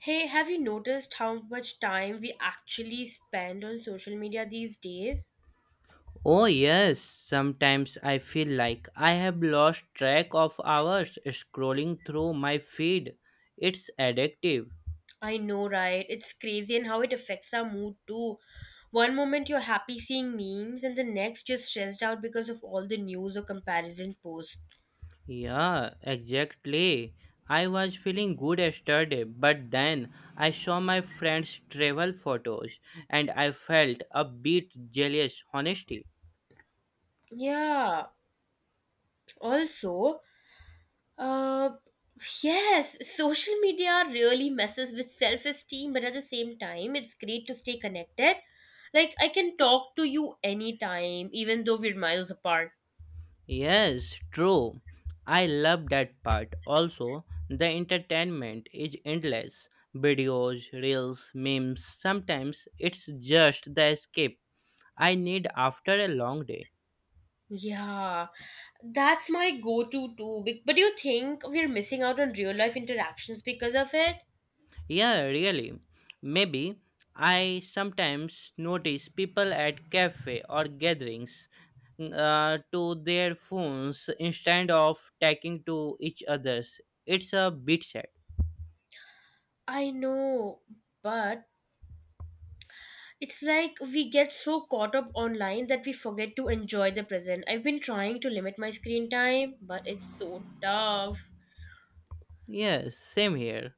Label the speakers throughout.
Speaker 1: Hey, have you noticed how much time we actually spend on social media these days?
Speaker 2: Oh, yes, sometimes I feel like I have lost track of hours scrolling through my feed. It's addictive.
Speaker 1: I know, right? It's crazy and how it affects our mood too. One moment you're happy seeing memes, and the next you're stressed out because of all the news or comparison posts.
Speaker 2: Yeah, exactly. I was feeling good yesterday, but then I saw my friend's travel photos and I felt a bit jealous, honestly.
Speaker 1: Yeah. Also, uh, yes, social media really messes with self esteem, but at the same time, it's great to stay connected. Like, I can talk to you anytime, even though we're miles apart.
Speaker 2: Yes, true. I love that part. Also, the entertainment is endless. Videos, reels, memes. Sometimes it's just the escape I need after a long day.
Speaker 1: Yeah, that's my go-to too. But you think we're missing out on real life interactions because of it?
Speaker 2: Yeah, really. Maybe I sometimes notice people at cafe or gatherings to their phones instead of talking to each others. It's a bit sad.
Speaker 1: I know, but it's like we get so caught up online that we forget to enjoy the present. I've been trying to limit my screen time, but it's so tough.
Speaker 2: Yes, same here.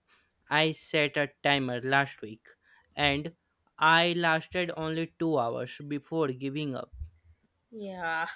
Speaker 2: I set a timer last week and I lasted only 2 hours before giving up.
Speaker 1: Yeah,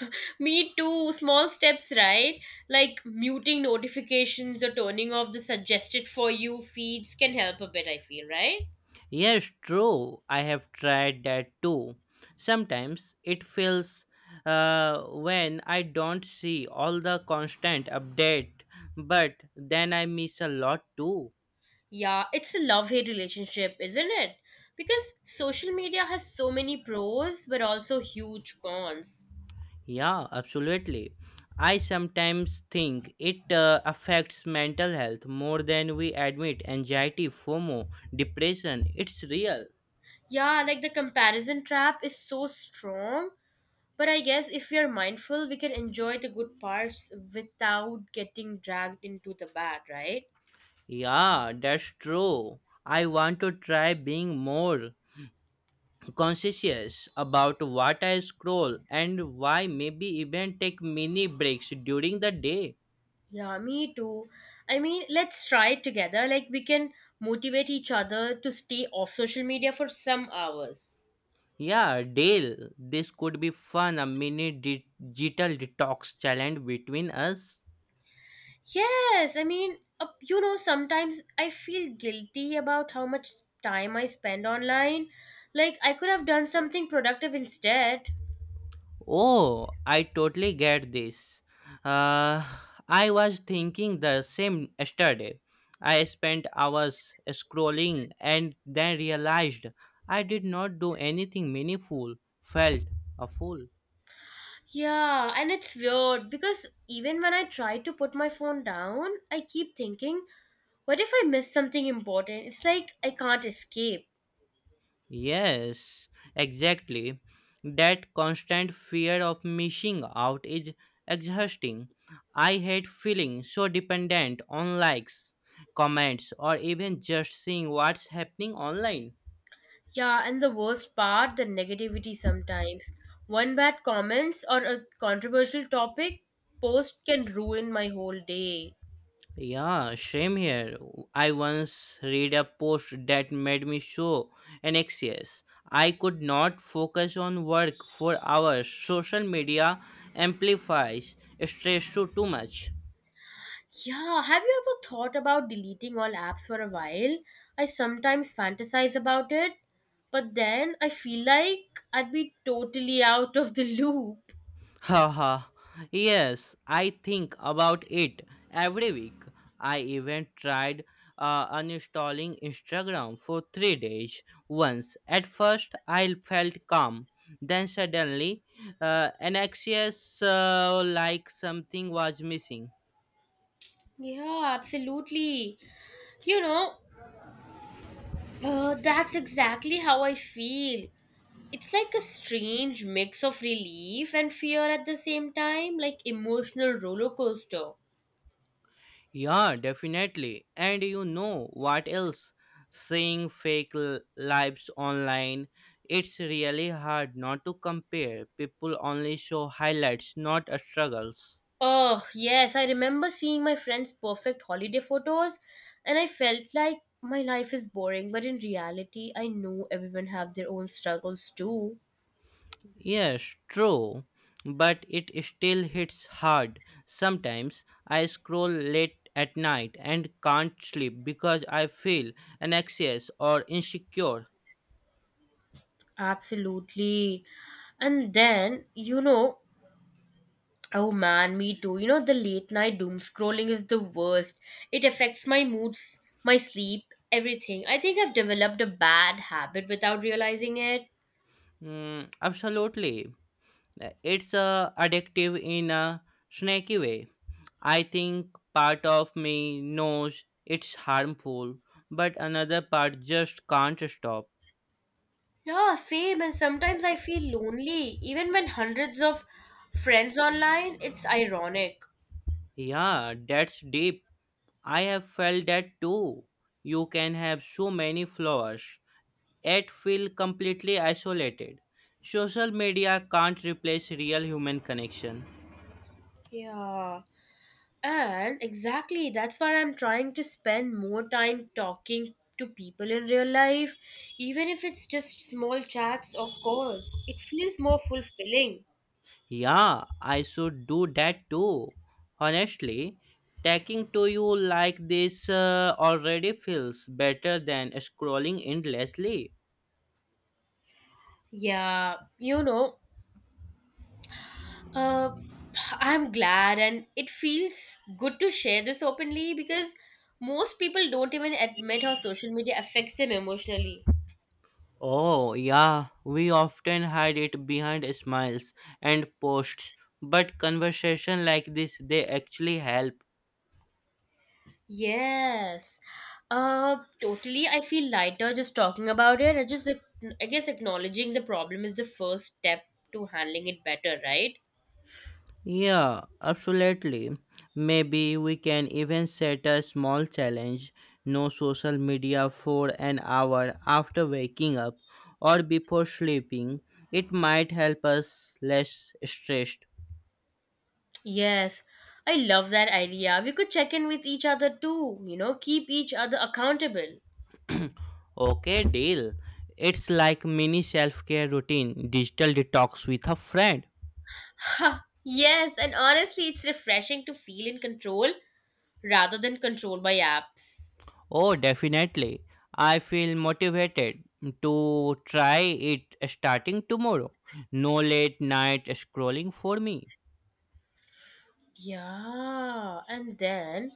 Speaker 1: me too. Small steps, right? Like muting notifications or turning off the suggested for you feeds can help a bit, I feel, right?
Speaker 2: Yes, true, I have tried that too. Sometimes it feels when I don't see all the constant update, but then I miss a lot too.
Speaker 1: Yeah, it's a love hate relationship, isn't it? Because social media has so many pros but also huge cons.
Speaker 2: Yeah, absolutely. I sometimes think it affects mental health more than we admit. Anxiety, FOMO, depression, it's real.
Speaker 1: Yeah, like the comparison trap is so strong, but I guess if we are mindful, we can enjoy the good parts without getting dragged into the bad, right?
Speaker 2: Yeah, that's true. I want to try being more conscious about what I scroll and why maybe even take mini breaks during the day.
Speaker 1: Yeah, me too. I mean, let's try it together. Like, we can motivate each other to stay off social media for some hours.
Speaker 2: Yeah, Dale, this could be fun a mini digital detox challenge between us.
Speaker 1: Yes, I mean, you know, sometimes I feel guilty about how much time I spend online. Like, I could have done something productive instead.
Speaker 2: Oh, I totally get this. Uh, I was thinking the same yesterday. I spent hours scrolling and then realized I did not do anything meaningful. Felt a fool.
Speaker 1: Yeah, and it's weird because even when I try to put my phone down, I keep thinking, what if I miss something important? It's like I can't escape.
Speaker 2: Yes, exactly. That constant fear of missing out is exhausting. I hate feeling so dependent on likes, comments, or even just seeing what's happening online.
Speaker 1: Yeah, and the worst part, the negativity sometimes. One bad comments or a controversial topic post can ruin my whole day.
Speaker 2: Yeah, same here. I once read a post that made me so anxious. I could not focus on work for hours. Social media amplifies stress too much.
Speaker 1: Yeah, have you ever thought about deleting all apps for a while? I sometimes fantasize about it, but then I feel like I'd be totally out of the loop.
Speaker 2: Haha, yes, I think about it every week. I even tried uninstalling Instagram for 3 days once. At first, I felt calm. Then suddenly, anxious, like something was missing.
Speaker 1: Yeah, absolutely. You know, that's exactly how I feel. It's like a strange mix of relief and fear at the same time, like emotional roller coaster.
Speaker 2: Yeah, definitely. And you know what else? Seeing fake lives online, it's really hard not to compare. People only show highlights, not struggles.
Speaker 1: Oh, yes, I remember seeing my friends' perfect holiday photos and I felt like my life is boring, but in reality, I know everyone have their own struggles too.
Speaker 2: Yes, true. But it still hits hard. Sometimes I scroll late at night and can't sleep because I feel anxious or insecure.
Speaker 1: Absolutely. And then, oh man, me too. You know, the late night doom scrolling is the worst. It affects my moods, my sleep, everything. I think I've developed a bad habit without realizing it.
Speaker 2: Mm, absolutely. It's addictive in a snacky way. I think part of me knows it's harmful, but another part just can't stop.
Speaker 1: Yeah, same. And sometimes I feel lonely, even when hundreds of friends online. It's ironic.
Speaker 2: Yeah, that's deep. I have felt that too. You can have so many flowers, yet feel completely isolated. Social media can't replace real human connection.
Speaker 1: Yeah. And exactly, that's why I'm trying to spend more time talking to people in real life, even if it's just small chats or calls. It feels more fulfilling.
Speaker 2: Yeah, I should do that too. Honestly, talking to you like this already feels better than scrolling endlessly.
Speaker 1: Yeah, you know, uh, I'm glad and it feels good to share this openly because most people don't even admit how social media affects them emotionally.
Speaker 2: Oh, yeah, we often hide it behind smiles and posts, but conversation like this they actually help.
Speaker 1: Yes. Totally. I feel lighter just talking about it. I guess, acknowledging the problem is the first step to handling it better, right?
Speaker 2: Yeah, absolutely. Maybe we can even set a small challenge no social media for an hour after waking up or before sleeping. It might help us less stressed.
Speaker 1: Yes. I love that idea. We could check in with each other too, you know, keep each other accountable.
Speaker 2: Okay, deal. It's like mini self-care routine, digital detox with a friend.
Speaker 1: Ha! Yes, and honestly, it's refreshing to feel in control rather than controlled by apps.
Speaker 2: Oh, definitely. I feel motivated to try it starting tomorrow. No late night scrolling for me.
Speaker 1: Yeah, and then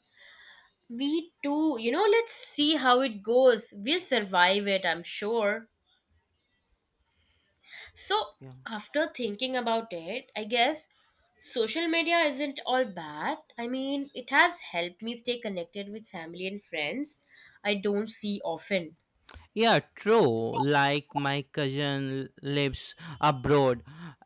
Speaker 1: me too. You know, let's see how it goes. We'll survive it, I'm sure. So,
Speaker 2: Yeah.
Speaker 1: after thinking about it, I guess social media isn't all bad. I mean, it has helped me stay connected with family and friends I don't see often.
Speaker 2: Yeah, true. Like my cousin lives abroad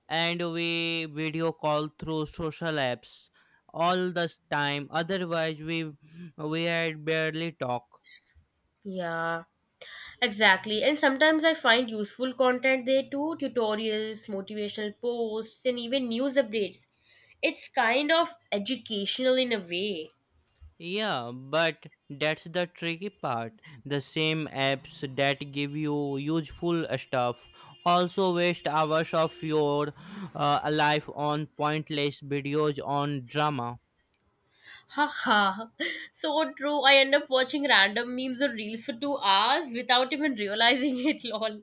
Speaker 2: and we video call through social apps all the time. Otherwise we had barely talk.
Speaker 1: Yeah, exactly. And sometimes I find useful content there too tutorials, motivational posts, and even news updates. It's kind of educational in a way.
Speaker 2: Yeah, but that's the tricky part. The same apps that give you useful stuff also waste hours of your life on pointless videos on drama.
Speaker 1: Haha, so true. I end up watching random memes or reels for 2 hours without even realizing it, lol.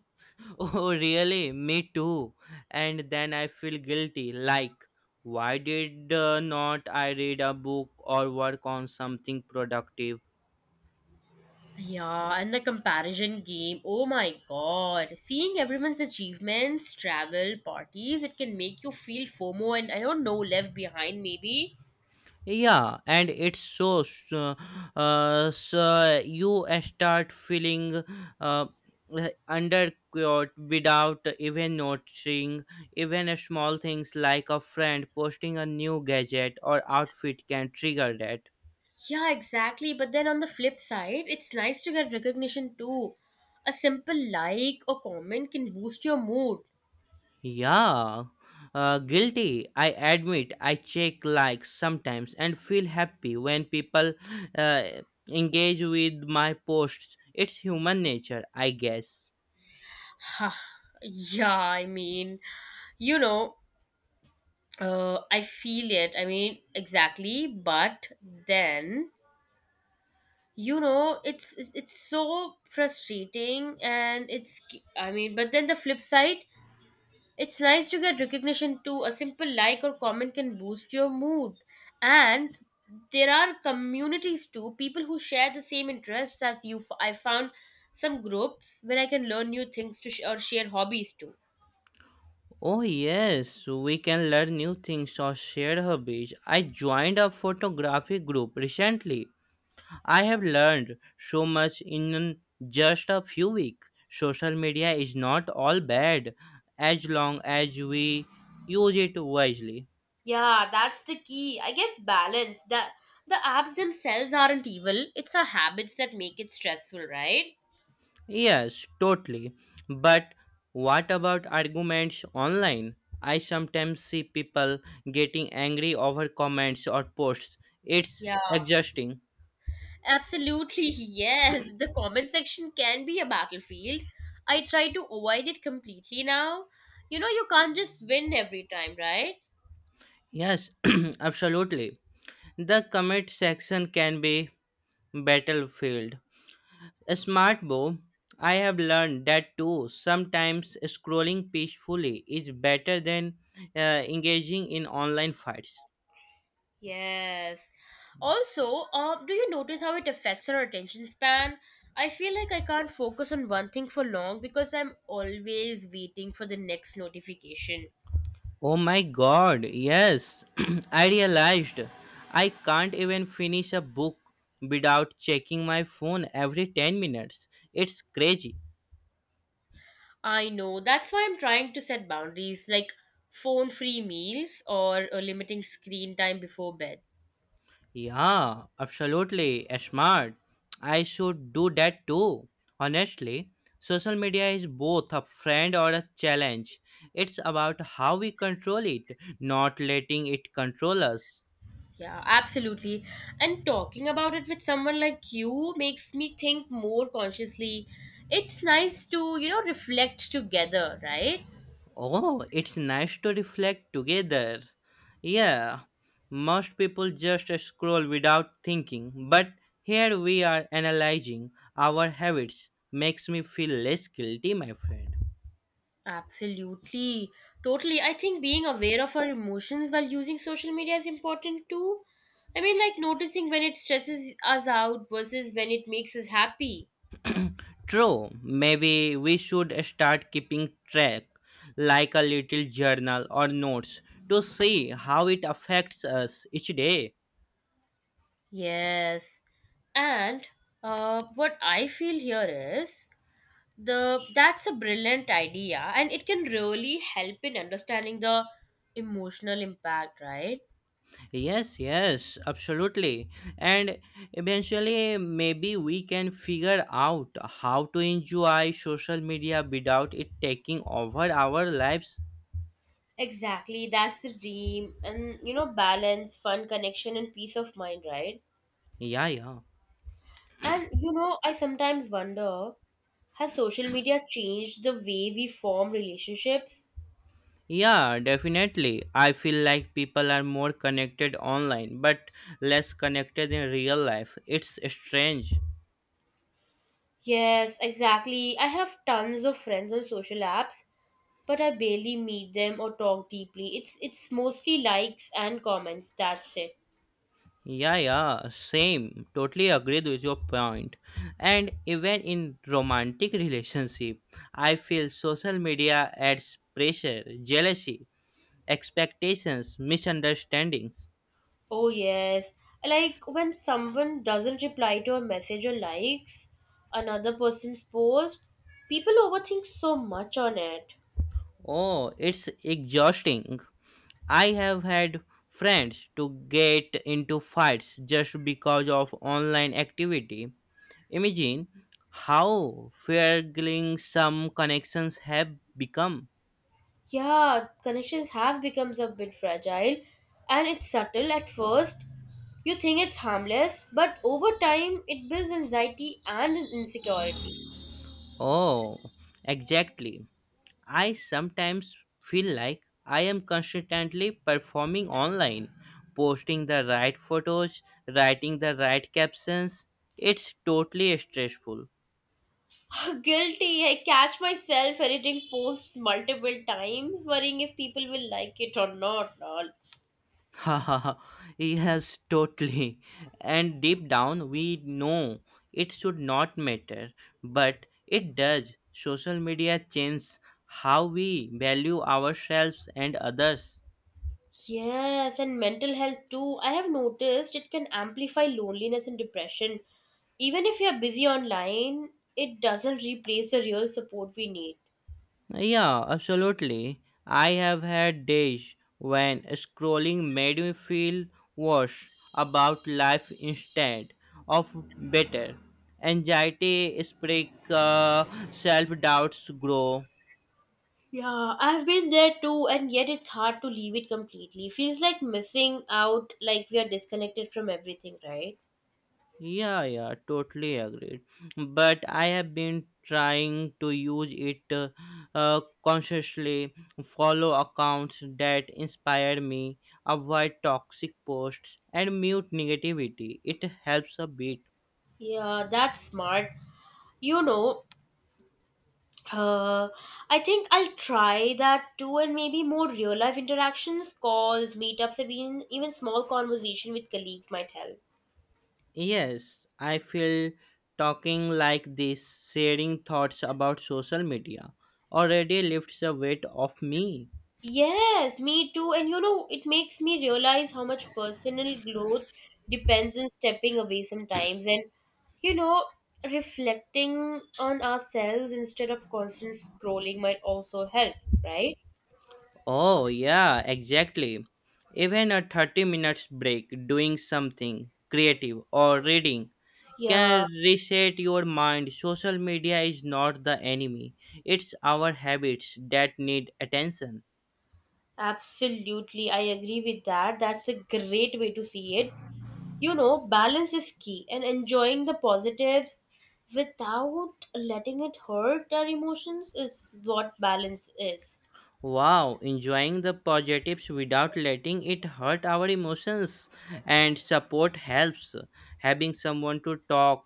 Speaker 2: Oh, really? Me too. And then I feel guilty. Like, why did not I read a book or work on something productive?
Speaker 1: Yeah, and the comparison game. Oh my god. Seeing everyone's achievements, travel, parties, it can make you feel FOMO and I don't know, left behind maybe.
Speaker 2: Yeah, and it's so you start feeling uh, undercut without even noticing. Even small things like a friend posting a new gadget or outfit can trigger that.
Speaker 1: Yeah, exactly. But then on the flip side, it's nice to get recognition too. A simple like or comment can boost your mood.
Speaker 2: Yeah, guilty. I admit I check likes sometimes and feel happy when people uh, engage with my posts. It's human nature, I guess.
Speaker 1: Huh. Yeah, I mean, you know, I feel it. I mean, exactly. But then you know it's so frustrating and it's I mean but then the flip side, it's nice to get recognition too. A simple like or comment can boost your mood. And there are communities too, people who share the same interests as you. I found some groups where I can learn new things or share hobbies too.
Speaker 2: Oh, yes, we can learn new things or share hobbies. I joined a photography group recently. I have learned so much in just a few weeks. Social media is not all bad as long as we use it wisely.
Speaker 1: Yeah, that's the key. I guess balance. The apps themselves aren't evil. It's our habits that make it stressful, right?
Speaker 2: Yes, totally. But what about arguments online? I sometimes see people getting angry over comments or posts. It's
Speaker 1: Yeah.
Speaker 2: exhausting.
Speaker 1: Absolutely, yes. The comment section can be a battlefield. I try to avoid it completely now. You know, you can't just win every time, right?
Speaker 2: Yes, absolutely. The comment section can be battlefield. A smart bow. I have learned that too. Sometimes scrolling peacefully is better than engaging in online fights.
Speaker 1: Yes. Also, do you notice how it affects our attention span? I feel like I can't focus on one thing for long because I'm always waiting for the next notification.
Speaker 2: Oh my god, yes. I realized I can't even finish a book without checking my phone every 10 minutes. It's crazy.
Speaker 1: I know. That's why I'm trying to set boundaries like phone free meals or limiting screen time before bed.
Speaker 2: Yeah, absolutely. Smart. I should do that too. Honestly, social media is both a friend or a challenge. It's about how we control it, not letting it control us.
Speaker 1: Yeah, absolutely. And talking about it with someone like you makes me think more consciously. It's nice to, you know, reflect together, right?
Speaker 2: Oh, it's nice to reflect together. Yeah, most people just scroll without thinking, but here we are analyzing our habits. Makes me feel less guilty, my friend.
Speaker 1: Absolutely. Totally. I think being aware of our emotions while using social media is important too. I mean, like noticing when it stresses us out versus when it makes us happy.
Speaker 2: True, maybe we should start keeping track, like a little journal or notes, to see how it affects us each day.
Speaker 1: Yes. And what I feel here is the that's a brilliant idea and it can really help in understanding the emotional impact, right?
Speaker 2: Yes, yes, absolutely. And eventually, maybe we can figure out how to enjoy social media without it taking over our lives.
Speaker 1: Exactly, that's the dream. And you know, balance, fun, connection and peace of mind, right?
Speaker 2: Yeah, yeah.
Speaker 1: And you know, I sometimes wonder, has social media changed the way we form relationships?
Speaker 2: Yeah, definitely. I feel like people are more connected online but less connected in real life. It's strange.
Speaker 1: Yes, exactly. I have tons of friends on social apps, but I barely meet them or talk deeply. It's mostly likes and comments, that's it.
Speaker 2: Yeah, yeah, same. Totally agreed with your point. And even in romantic relationship, I feel social media adds pressure, jealousy, expectations, misunderstandings.
Speaker 1: Oh, yes. Like when someone doesn't reply to a message or likes another person's post, people overthink so much on it.
Speaker 2: Oh, it's exhausting. I have had friends to get into fights just because of online activity. Imagine how fragile some connections have become.
Speaker 1: Yeah, connections have become a bit fragile and it's subtle at first. You think it's harmless, but over time it builds anxiety and insecurity.
Speaker 2: Oh, exactly. I sometimes feel like I am constantly performing online, posting the right photos, writing the right captions. It's totally stressful.
Speaker 1: Guilty. I catch myself editing posts multiple times, worrying if people will like it or not. Lol.
Speaker 2: yes, totally. And deep down, we know it should not matter, but it does. Social media changes how we value ourselves and others.
Speaker 1: Yes, and mental health too. I have noticed it can amplify loneliness and depression. Even if you're busy online, it doesn't replace the real support we need.
Speaker 2: Yeah, absolutely. I have had days when scrolling made me feel worse about life instead of better. Anxiety spread, self doubts grow,
Speaker 1: Yeah, I've been there too, and yet it's hard to leave it completely. Feels like missing out, like we are disconnected from everything, right?
Speaker 2: Yeah, yeah, totally agreed. But I have been trying to use it consciously, follow accounts that inspire me, avoid toxic posts, and mute negativity. It helps a bit.
Speaker 1: Yeah, that's smart. You know, uh, I think I'll try that too, and maybe more real life interactions, calls, meetups, even small conversation with colleagues might help.
Speaker 2: Yes, I feel talking like this, sharing thoughts about social media, already lifts a weight off me.
Speaker 1: Yes, me too. And you know, it makes me realize how much personal growth depends on stepping away sometimes and, you know, reflecting on ourselves instead of constant scrolling might also help, right?
Speaker 2: Oh, yeah, exactly. Even a 30 minutes break doing something creative or reading
Speaker 1: Yeah,
Speaker 2: can reset your mind. Social media is not the enemy, it's our habits that need attention.
Speaker 1: absolutely. I agree with that. That's a great way to see it. You know, balance is key and enjoying the positives without letting it hurt our emotions is what balance is.
Speaker 2: Wow, enjoying the positives without letting it hurt our emotions and support helps. Having someone to talk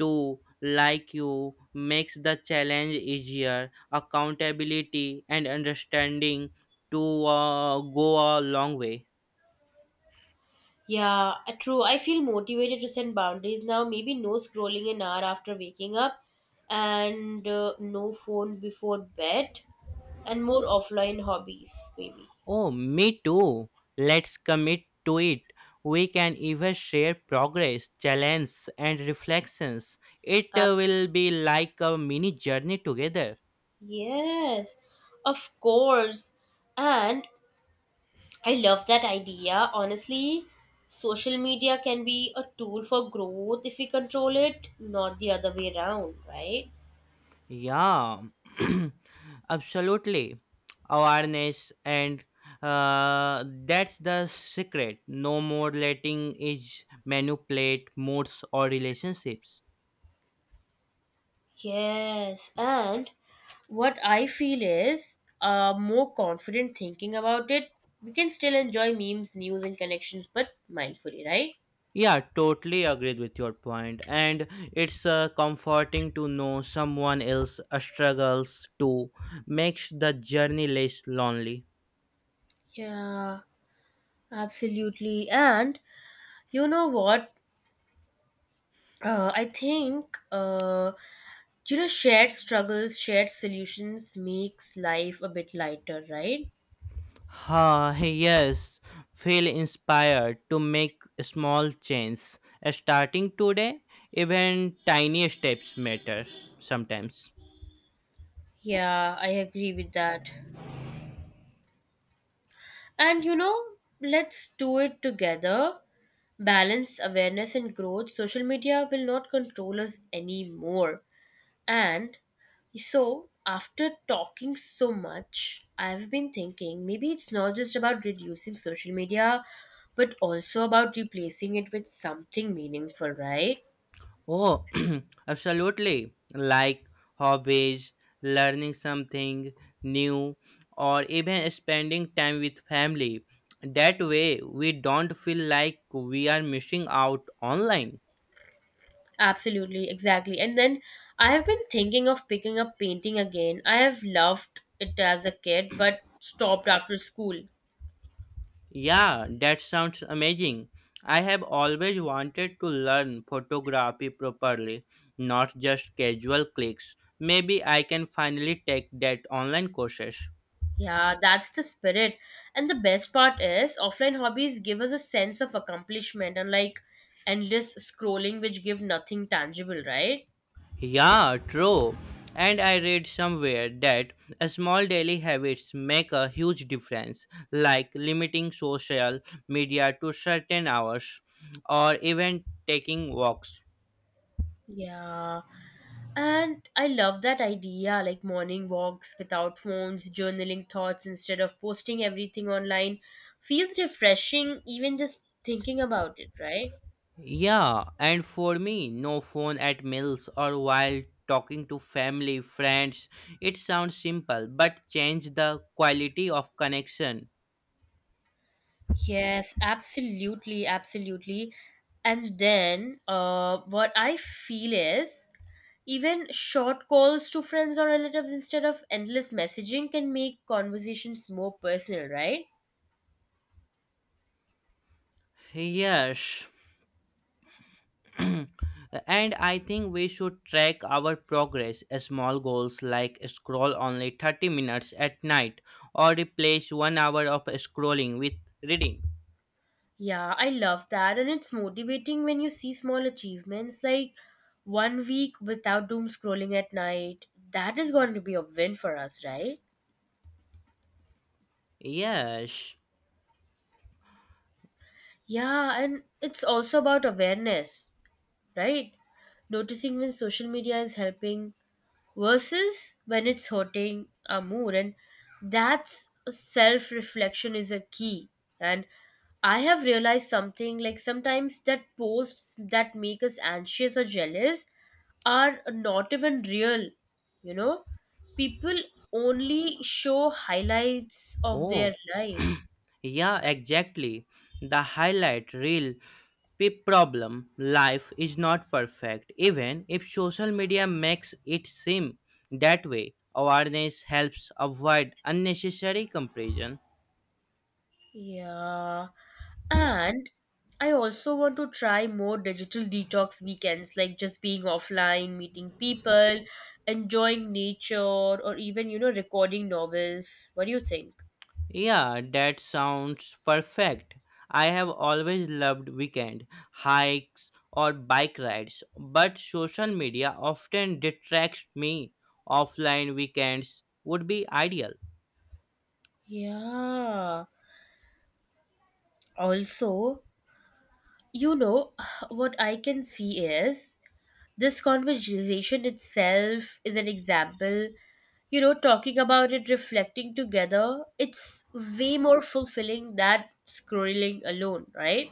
Speaker 2: to like you makes the challenge easier. Accountability and understanding to go a long way.
Speaker 1: Yeah, true. I feel motivated to set boundaries now. Maybe no scrolling an hour after waking up, and no phone before bed, and more offline hobbies, maybe.
Speaker 2: Oh, me too. Let's commit to it. We can even share progress, challenges, and reflections. It
Speaker 1: Um,
Speaker 2: will be like a mini journey together.
Speaker 1: yes, of course. And I love that idea. Honestly, social media can be a tool for growth if we control it, not the other way around, right?
Speaker 2: Yeah, absolutely. Awareness and that's the secret. No more letting age manipulate moods or relationships.
Speaker 1: Yes, and what I feel is more confident thinking about it. We can still enjoy memes, news, and connections, but mindfully, right?
Speaker 2: Yeah, totally agreed with your point. And it's comforting to know someone else struggles to makes the journey less lonely.
Speaker 1: Yeah, absolutely. And you know what? I think you know, shared struggles, shared solutions makes life a bit lighter, right?
Speaker 2: Ha, yes. Feel inspired to make small changes. Starting today, even tiny steps matter sometimes.
Speaker 1: Yeah, I agree with that. And you know, let's do it together. Balance, awareness, and growth. Social media will not control us anymore. And so, after talking so much, I've been thinking maybe it's not just about reducing social media, but also about replacing it with something meaningful, right?
Speaker 2: Oh, absolutely. Like hobbies, learning something new, or even spending time with family. That way, we don't feel like we are missing out online.
Speaker 1: Absolutely, exactly. And then I have been thinking of picking up painting again. I have loved it as a kid, but stopped after school.
Speaker 2: Yeah, that sounds amazing. I have always wanted to learn photography properly, not just casual clicks. Maybe I can finally take that online courses.
Speaker 1: Yeah, that's the spirit. And the best part is, offline hobbies give us a sense of accomplishment, unlike endless scrolling, which give nothing tangible, right?
Speaker 2: Yeah, true. And I read somewhere that small daily habits make a huge difference, like limiting social media to certain hours or even taking walks.
Speaker 1: Yeah. And I love that idea, like morning walks without phones, journaling thoughts instead of posting everything online. Feels refreshing, even just thinking about it, right?
Speaker 2: Yeah, and for me, no phone at meals or while talking to family, friends. It sounds simple, but change the quality of connection.
Speaker 1: Yes, absolutely, absolutely. And then what I feel is, even short calls to friends or relatives instead of endless messaging can make conversations more personal, right?
Speaker 2: Yes. and I think we should track our progress. Small goals like scroll only 30 minutes at night or replace 1 hour of scrolling with reading.
Speaker 1: Yeah, I love that. And it's motivating when you see small achievements like one week without doom scrolling at night. That is going to be a win for us, right?
Speaker 2: Yes.
Speaker 1: Yeah, and it's also about awareness, right? Noticing when social media is helping versus when it's hurting our mood. And that's self reflection is a key. And I have realized something, like sometimes that posts that make us anxious or jealous are not even real, you know? People only show highlights of
Speaker 2: Oh,
Speaker 1: their life.
Speaker 2: yeah, exactly. The highlight reel pip problem life is not perfect even if social media makes it seem that way. Awareness helps avoid unnecessary comparison.
Speaker 1: Yeah. And I also want to try more digital detox weekends, like just being offline, meeting people, enjoying nature, or even, recording novels. What do you think?
Speaker 2: Yeah, that sounds perfect. I have always loved weekend hikes or bike rides, but social media often detracts me. Offline weekends would be ideal.
Speaker 1: Yeah. Also, you know, what I can see is this conversation itself is an example. You know, talking about it, reflecting together, it's way more fulfilling than scrolling alone, right?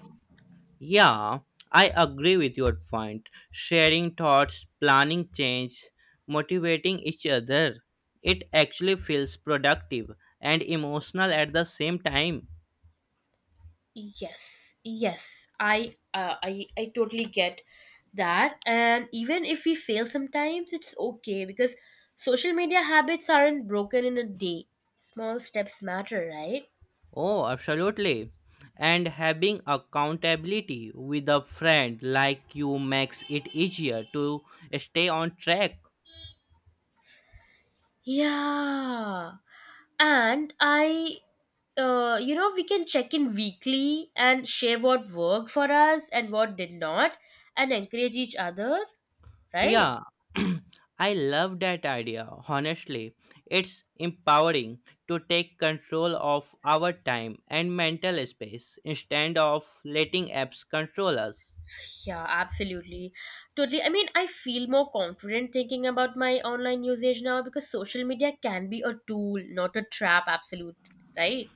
Speaker 2: Yeah, I agree with your point. Sharing thoughts, planning change, motivating each other. It actually feels productive and emotional at the same time.
Speaker 1: Yes, yes, I totally get that. And even if we fail sometimes, it's okay because social media habits aren't broken in a day. Small steps matter, right?
Speaker 2: Oh, absolutely. And having accountability with a friend like you makes it easier to stay on track.
Speaker 1: Yeah. And we can check in weekly and share what worked for us and what did not, and encourage each other, right?
Speaker 2: Yeah, I love that idea. Honestly, it's empowering to take control of our time and mental space instead of letting apps control us.
Speaker 1: Yeah, absolutely. Totally. I mean, I feel more confident thinking about my online usage now because social media can be a tool, not a trap, absolute, right?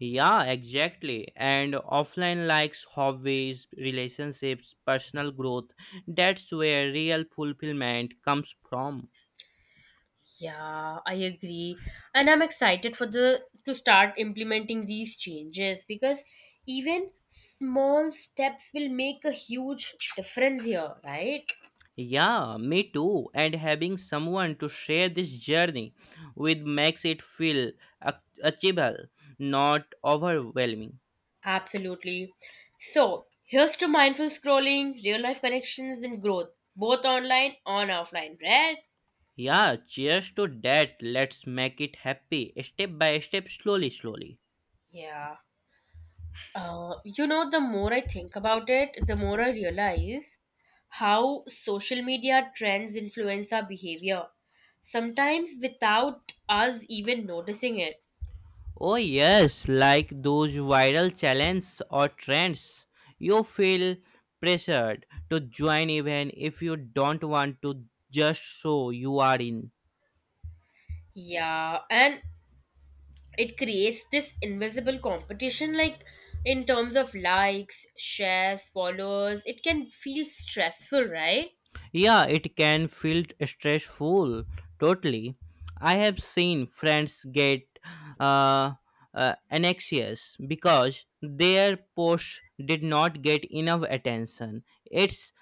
Speaker 2: Yeah, exactly. And offline likes hobbies, relationships, personal growth. That's where real fulfillment comes from.
Speaker 1: Yeah, I agree. And I'm excited for the to start implementing these changes because even small steps will make a huge difference here, right?
Speaker 2: Yeah, me too. And having someone to share this journey with makes it feel achievable, not overwhelming.
Speaker 1: Absolutely. So, here's to mindful scrolling, real life connections and growth, both online and offline, right?
Speaker 2: Yeah, cheers to that. Let's make it happy, step by step, slowly, slowly.
Speaker 1: Yeah. The more I think about it, the more I realize how social media trends influence our behavior, sometimes without us even noticing it.
Speaker 2: Oh, yes, like those viral challenges or trends. You feel pressured to join even if you don't want to, just so you are in.
Speaker 1: Yeah, and it creates this invisible competition, like in terms of likes, shares, followers. It can feel stressful, right?
Speaker 2: Yeah, it can feel stressful. Totally. I have seen friends get uh, anxious because their post did not get enough attention. It's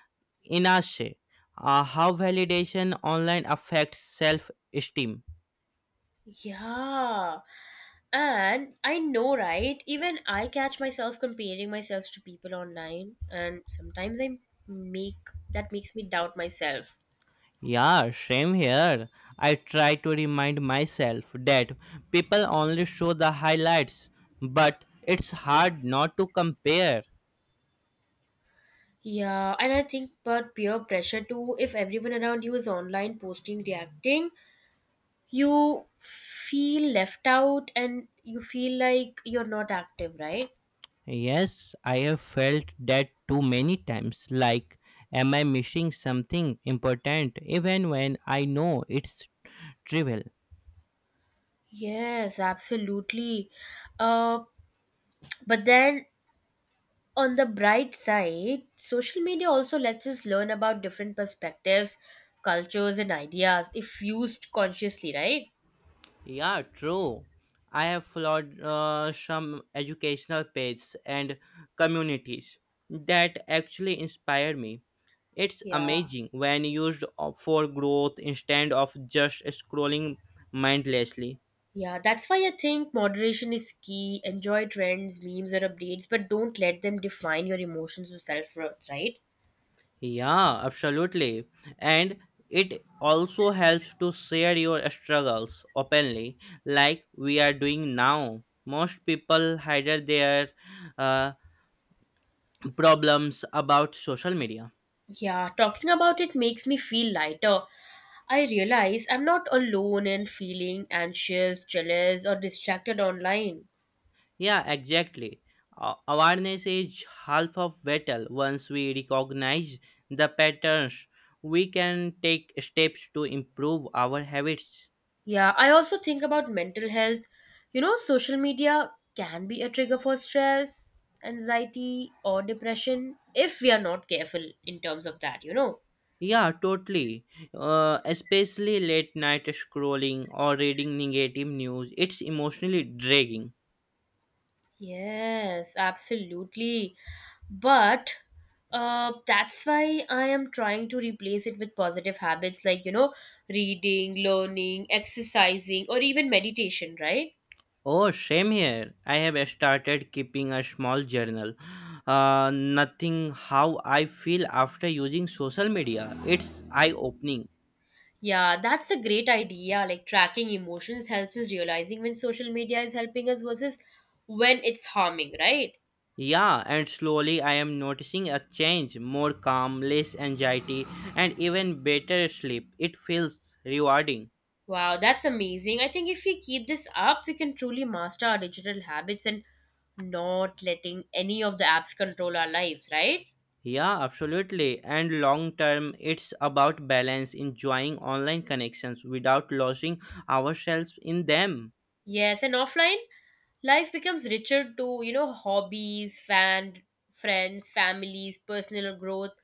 Speaker 2: inache. How validation online affects self esteem.
Speaker 1: Yeah. And I know, right? Even I catch myself comparing myself to people online, and sometimes I make that makes me doubt myself.
Speaker 2: Yeah, same here. I try to remind myself that people only show the highlights, but it's hard not to compare.
Speaker 1: Yeah, and I think about peer pressure too. If everyone around you is online, posting, reacting, you feel left out and you feel like you're not active, right?
Speaker 2: Yes, I have felt that too many times. Like, am I missing something important even when I know it's trivial?
Speaker 1: Yes, absolutely. Uh, but then on the bright side, social media also lets us learn about different perspectives, cultures, and ideas if used consciously, right?
Speaker 2: Yeah, true. I have followed some educational pages and communities that actually inspire me. It's
Speaker 1: Yeah.
Speaker 2: amazing when used for growth instead of just scrolling mindlessly.
Speaker 1: Yeah, that's why I think moderation is key. Enjoy trends, memes, or updates, but don't let them define your emotions or self worth, right?
Speaker 2: Yeah, absolutely. And it also helps to share your struggles openly, like we are doing now. Most people hide their uh, problems about social media.
Speaker 1: Yeah, talking about it makes me feel lighter. I realize I'm not alone in feeling anxious, jealous, or distracted online.
Speaker 2: Yeah, exactly. Awareness is half of battle. Once we recognize the patterns, we can take steps to improve our habits.
Speaker 1: Yeah, I also think about mental health. You know, social media can be a trigger for stress, anxiety, or depression if we are not careful in terms of that.
Speaker 2: Yeah, totally. Especially late night scrolling or reading negative news, it's emotionally dragging.
Speaker 1: Yes, absolutely. But that's why I am trying to replace it with positive habits like, reading, learning, exercising, or even meditation, right?
Speaker 2: Oh, same here. I have started keeping a small journal. Nothing how I feel after using social media. It's eye opening.
Speaker 1: Yeah, that's a great idea. Like tracking emotions helps us realizing when social media is helping us versus when it's harming, right?
Speaker 2: Yeah, and slowly I am noticing a change more calm, less anxiety, and even better sleep. It feels rewarding.
Speaker 1: Wow, that's amazing. I think if we keep this up, we can truly master our digital habits and not letting any of the apps control our lives, right?
Speaker 2: Yeah, absolutely. And long term, it's about balance, enjoying online connections without losing ourselves in them.
Speaker 1: Yes, and offline life becomes richer to, hobbies, fan, friends, families, personal growth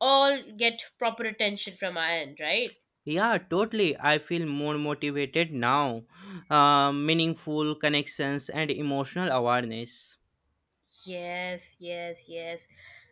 Speaker 1: all get proper attention from our end, right?
Speaker 2: Yeah, totally. I feel more motivated now. Meaningful connections and emotional awareness.
Speaker 1: Yes, yes, yes.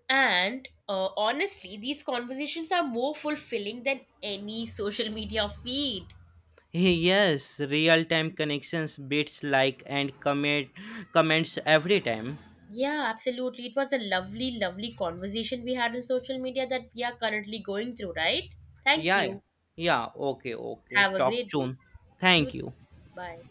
Speaker 1: And honestly, these conversations are more fulfilling than any social media feed.
Speaker 2: Yes, real time connections beats like and comments every time.
Speaker 1: Yeah, absolutely. It was a lovely, lovely conversation we had on social media that we are currently going through, right? Thank
Speaker 2: Yeah,
Speaker 1: you.
Speaker 2: yeah. Okay, okay.
Speaker 1: Have a
Speaker 2: Talk
Speaker 1: great day.
Speaker 2: soon.
Speaker 1: You
Speaker 2: Thank
Speaker 1: too.
Speaker 2: you.
Speaker 1: Bye.